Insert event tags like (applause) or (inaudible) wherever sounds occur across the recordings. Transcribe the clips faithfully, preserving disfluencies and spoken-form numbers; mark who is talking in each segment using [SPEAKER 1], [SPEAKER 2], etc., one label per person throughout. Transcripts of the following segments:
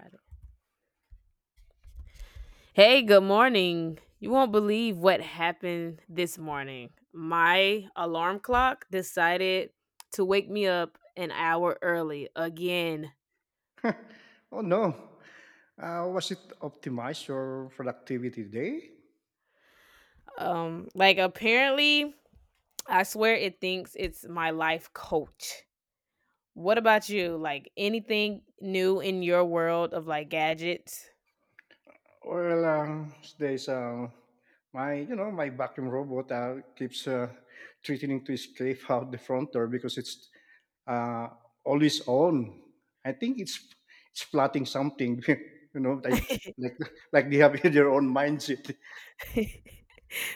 [SPEAKER 1] Got it. Hey, good morning. You won't believe what happened this morning. My alarm clock decided to wake me up an hour early again.
[SPEAKER 2] Oh no. Uh, was it optimized your productivity day?
[SPEAKER 1] Um like apparently I swear it thinks it's my life coach. What about you? Like anything new in your world of like gadgets?
[SPEAKER 2] Well, um, there's um, my you know my vacuum robot uh, keeps uh, threatening to escape (laughs) out the front door because it's uh, always on. I think it's it's plotting something, (laughs) you know, like
[SPEAKER 1] (laughs)
[SPEAKER 2] like like they have (laughs) their own mindset.
[SPEAKER 1] (laughs)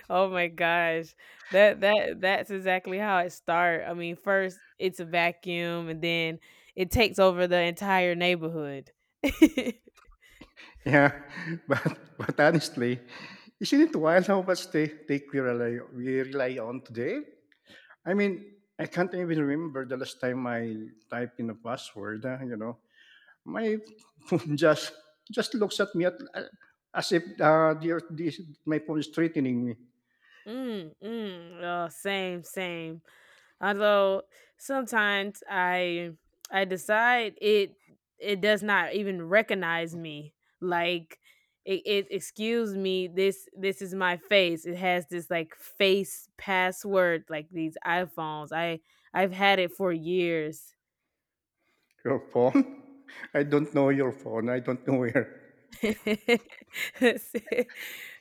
[SPEAKER 1] Oh my gosh. That that that's exactly how it starts. I mean, first it's a vacuum and then it takes over the entire neighborhood. (laughs)
[SPEAKER 2] Yeah, (laughs) but but honestly, isn't it wild how much they take we rely we rely on today? I mean, I can't even remember the last time I type in a password. uh, you know, my phone (laughs) just just looks at me at, uh, as if uh, the, this, my phone is threatening me.
[SPEAKER 1] Mm, mm, Oh, same, same. Although sometimes i i decide it it does not even recognize me, like it, it excuse me, this this is my face. It has this like face password like these iphones. I i've had it for years.
[SPEAKER 2] Your phone? (laughs) I don't know your phone. I don't know where.
[SPEAKER 1] (laughs)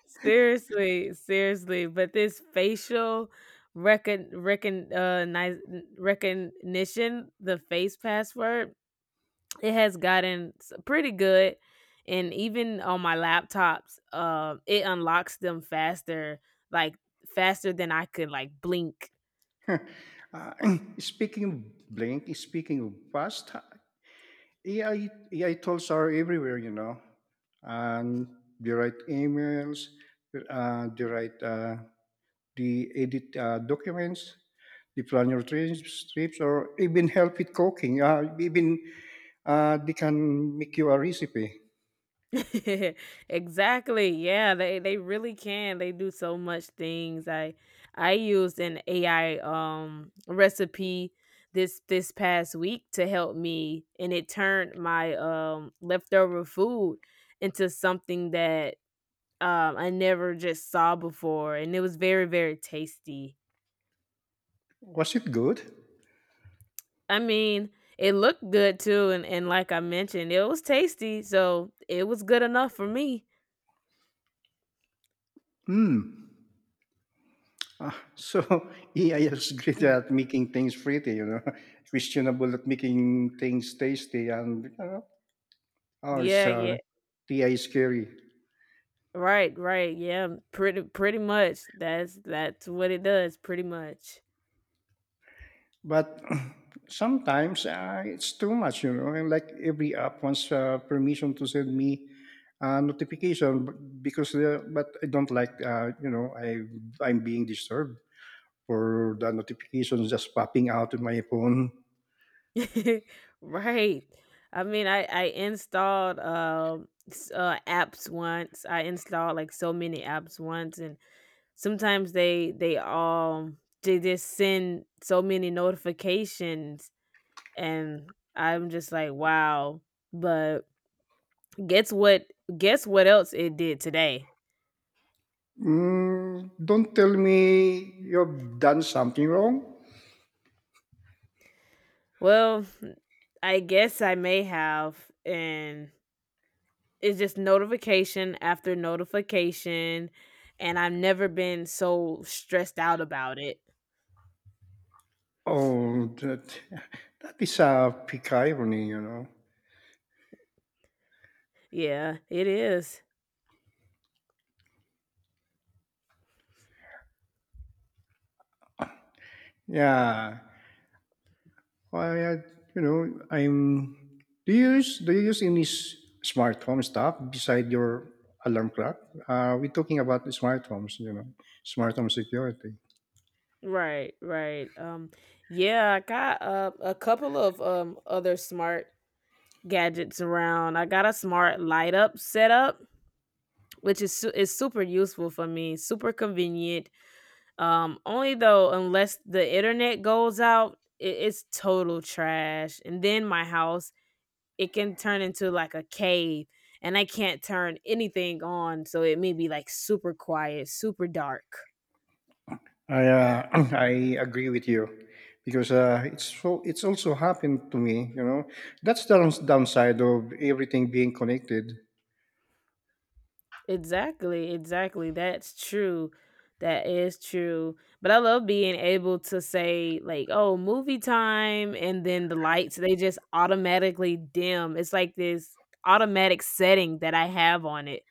[SPEAKER 1] seriously seriously but this facial recon recon uh nice recognition, the face password, it has gotten s- pretty good. And even on my laptops uh, it unlocks them faster, like faster than I could like blink.
[SPEAKER 2] (laughs) Uh, (clears throat) speaking of blank, speaking of past, AI, A I tools are everywhere, you know, and they write emails, uh, they write, uh, they edit uh, documents, they plan your trips, trips, or even help with cooking. Uh, even uh, they can make you a recipe.
[SPEAKER 1] (laughs) Exactly, yeah, they they really can. They do so much things. I i used an ai um recipe this this past week to help me, and it turned my um leftover food into something that um, I never just saw before, and it was very, very tasty.
[SPEAKER 2] Was it good?
[SPEAKER 1] I mean, it looked good too, and, and like I mentioned, it was tasty, so it was good enough for me.
[SPEAKER 2] Hmm. Ah, so (laughs) A I is great at
[SPEAKER 1] (laughs)
[SPEAKER 2] making things pretty, you know, (laughs) questionable at making things tasty, and you know, oh, it's
[SPEAKER 1] Yeah, yeah,
[SPEAKER 2] uh, A I is scary.
[SPEAKER 1] right, right, yeah, pretty, pretty much. That's that's what it does, pretty much.
[SPEAKER 2] But (clears throat) sometimes uh, it's too much, you know. And like every app wants uh, permission to send me uh, notification b- because the, but I don't like uh, you know I I'm being disturbed for the notifications just popping out of my phone.
[SPEAKER 1] (laughs) Right. I mean, I I installed um s- uh apps once. I installed like so many apps once, and sometimes they they all, they just send so many notifications, and I'm just like, "Wow." But guess what guess what else it did today?
[SPEAKER 2] Mm, don't tell me you've done something wrong.
[SPEAKER 1] Well, I guess I may have, and it's just notification after notification, and I've never been so stressed out about it.
[SPEAKER 2] Oh, that (laughs) that is a peak irony, you know.
[SPEAKER 1] Yeah, it is.
[SPEAKER 2] Yeah, I had, you know, I'm. Do you use do you use any s- smart home stuff beside your alarm clock? Uh, we're talking about the smart homes, you know, smart home security.
[SPEAKER 1] Right, right. Um, yeah, I got uh, a couple of um other smart gadgets around. I got a smart light up setup, which is su- is super useful for me, super convenient. Um, only though, unless the internet goes out, it, it's total trash. And then my house, it can turn into like a cave, and I can't turn anything on, so it may be like super quiet, super dark.
[SPEAKER 2] I uh, (clears throat) I agree with you because uh, it's so it's also happened to me. You know, that's the downs- downside of everything being connected.
[SPEAKER 1] Exactly, exactly. That's true. That is true. But I love being able to say like, "Oh, movie time," and then the lights, they just automatically dim. It's like this automatic setting that I have on it.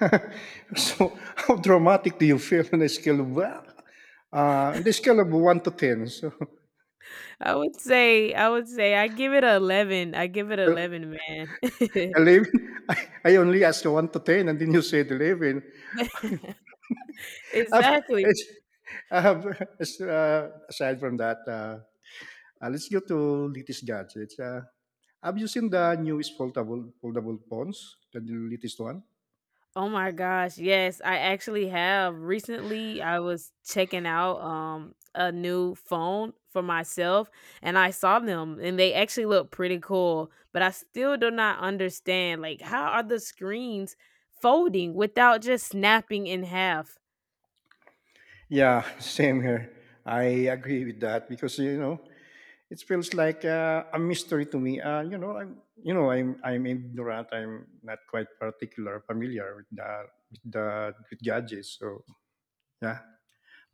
[SPEAKER 2] (laughs) So how dramatic do you feel on a scale of well, uh, on the scale of one to ten? So
[SPEAKER 1] (laughs) I would say I would say I give it a eleven. I give it
[SPEAKER 2] (laughs)
[SPEAKER 1] eleven, man. (laughs)
[SPEAKER 2] eleven? (laughs) I I only asked one to ten and then you said eleven. (laughs) Um,
[SPEAKER 1] Exactly.
[SPEAKER 2] it's, um, it's, uh, aside from that, uh, uh, let's go to latest gadgets. Uh, have you seen the newest foldable, foldable phones, the latest one?
[SPEAKER 1] Oh my gosh, yes, I actually have. Recently, I was checking out um a new phone for myself, and I saw them, and they actually look pretty cool, but I still do not understand, like how are the screens folding without just snapping in half?
[SPEAKER 2] Yeah, (laughs) same here. I agree with that because you know it feels like uh, a mystery to me. Uh, you know, I'm you know I'm I'm ignorant. I'm not quite particular familiar with the with the with gadgets. So yeah,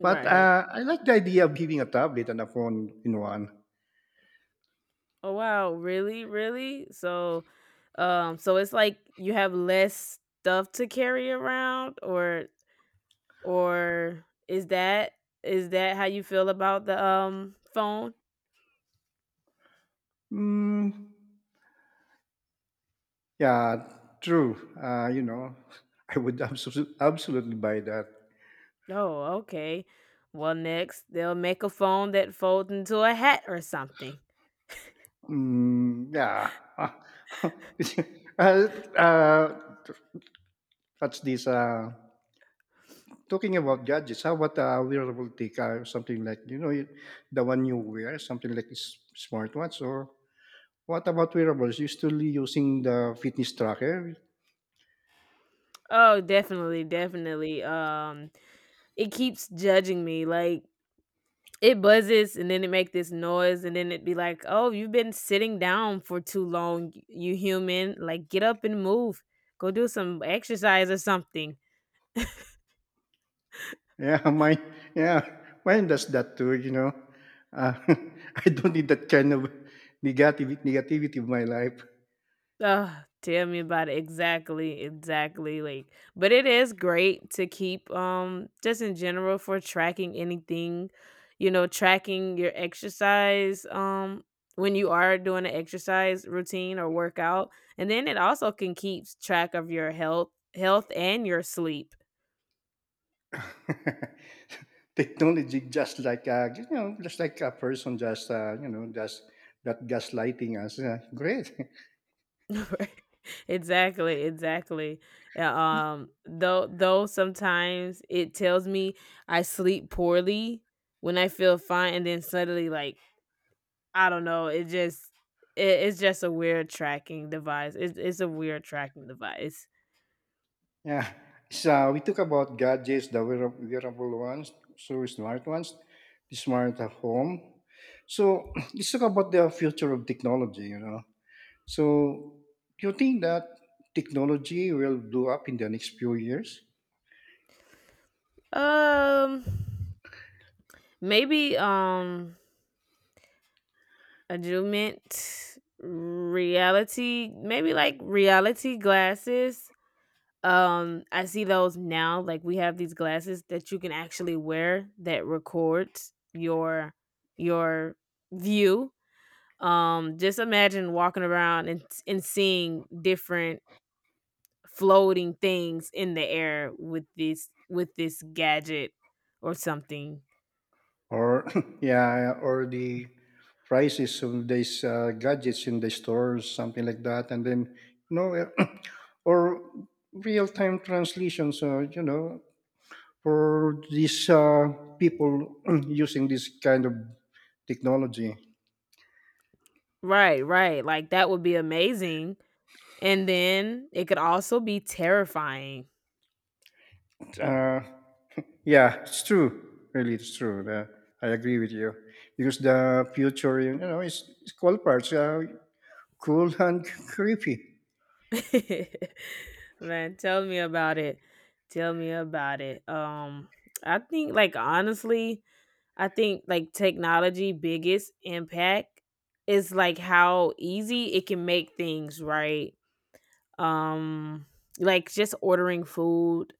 [SPEAKER 2] but uh, I like the idea of giving a tablet and a phone in one.
[SPEAKER 1] Oh wow, really? Really? So um so it's like you have less stuff to carry around, or Or is that, is that how you feel about the, um, phone?
[SPEAKER 2] Mm, yeah, true. Uh, you know, (laughs) I would absolutely absolutely buy that.
[SPEAKER 1] Oh, okay. Well, next, they'll make a phone that folds into a hat or something.
[SPEAKER 2] Mm, yeah. Ah, (laughs) uh, uh, what's this? Uh, talking about gadgets, how about a wearable tick or something like, you know, you- the one you wear, something like s- smartwatch or what about wearables? You still using the fitness tracker?
[SPEAKER 1] Oh, definitely, definitely. Um, it keeps judging me, like, it buzzes and then it make this noise and then it be like, "Oh, you've been sitting down for too long, y- you human. Like, get up and move. Go do some exercise or something."
[SPEAKER 2] Yeah, (laughs) mine. Yeah, mine does that too. You know, uh, (laughs) I don't need that kind of negative negativity in my life.
[SPEAKER 1] Ugh, tell me about it. Exactly, exactly, like but it is great to keep, um, just in general for tracking anything, you know, tracking your exercise, um, when you are doing an exercise routine or workout, and then it also can keeps track of your health, health, and your sleep.
[SPEAKER 2] (laughs) Technology, just like uh, you know, just like a person, just uh, you know, just that gaslighting us. Yeah, great.
[SPEAKER 1] (laughs) Right. Exactly, exactly. Yeah. Um, though though sometimes it tells me I sleep poorly when I feel fine, and then suddenly like I don't know, it just, it, it's just a weird tracking device. It's it's a weird tracking device.
[SPEAKER 2] (laughs) Yeah. So uh, we talk about gadgets, the wear- wearable ones, so smart ones, the smart at home. So (clears throat) let's talk about the future of technology. You know, so, do you think that technology will blow up in the next few years,
[SPEAKER 1] Um, maybe um adjustment reality, maybe like reality glasses. Um, I see those now. Like we have these glasses that you can actually wear that records your your view. Um, just imagine walking around and and seeing different floating things in the air with this with this gadget or something.
[SPEAKER 2] or (laughs) yeah, or the prices of these uh, gadgets in the stores, something like that, and then you know, uh, (clears throat) or real-time translations, uh, you know, for these uh, people (clears throat) using this kind of technology.
[SPEAKER 1] Right, right. Like that would be amazing. And then it could also be terrifying.
[SPEAKER 2] Uh, Yeah, it's true. Really, it's true. The- I agree with you because the future, you know, is, is cool parts, uh, cool (laughs) and creepy.
[SPEAKER 1] (laughs) Man, tell me about it. Tell me about it. Um, I think like honestly, I think like technology biggest impact is like how easy it can make things, right? Um, like just ordering food,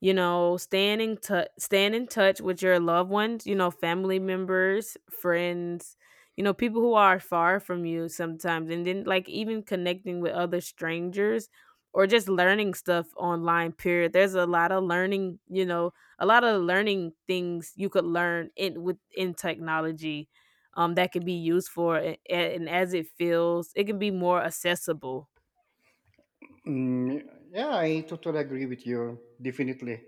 [SPEAKER 1] you know, staying in tou staying in touch with your loved ones, you know, family members, friends, you know, people who are far from you sometimes, and then, like, even connecting with other strangers or just learning stuff online, period. There's a lot of learning, you know, a lot of learning things you could learn in within technology, um, that could be used for it, and as it feels, it can be more accessible.
[SPEAKER 2] Mm, yeah, I totally agree with you. Definitely.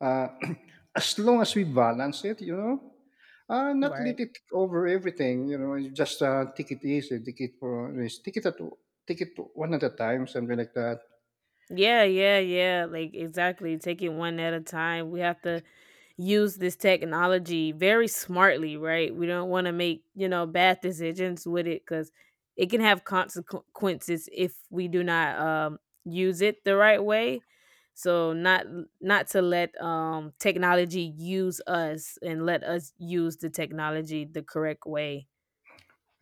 [SPEAKER 2] Uh, (clears throat) as long as we balance it, you know, uh, not
[SPEAKER 1] Right.
[SPEAKER 2] let it over everything. You know, you just uh, take it easy, take it for take it at take it one at a time, something like that.
[SPEAKER 1] Yeah, yeah, yeah. Like exactly. Take it one at a time. We have to use this technology very smartly, right? We don't want to make, you know, bad decisions with it cuz it can have consequences if we do not um use it the right way. So not not to let um technology use us, and let us use the technology the correct way.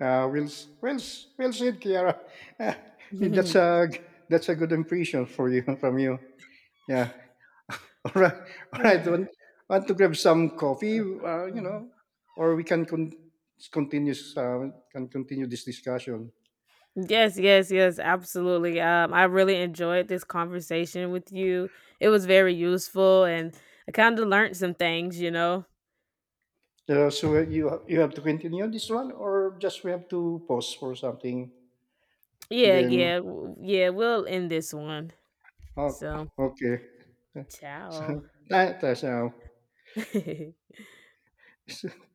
[SPEAKER 2] Uh, will s- will s- well said, Kiara. (laughs) Uh, that's
[SPEAKER 1] (laughs)
[SPEAKER 2] a that's a good impression for you (laughs) from you. Yeah. (laughs) All right. All right.
[SPEAKER 1] Right.
[SPEAKER 2] Want, want to grab some coffee? Uh, you know, or we can con- continue uh, can continue this discussion.
[SPEAKER 1] Yes, yes, yes, absolutely. Um, I really enjoyed this conversation with you. It was very useful, and I kind of learned some things, you know.
[SPEAKER 2] Uh, so uh, you you have to continue this one, or just we have to pause for something.
[SPEAKER 1] Yeah,
[SPEAKER 2] Then
[SPEAKER 1] yeah, w- yeah. We'll end this one.
[SPEAKER 2] oh,
[SPEAKER 1] So,
[SPEAKER 2] okay. (laughs) So
[SPEAKER 1] ciao.
[SPEAKER 2] that- that's now.
[SPEAKER 1] (laughs)
[SPEAKER 2] (laughs)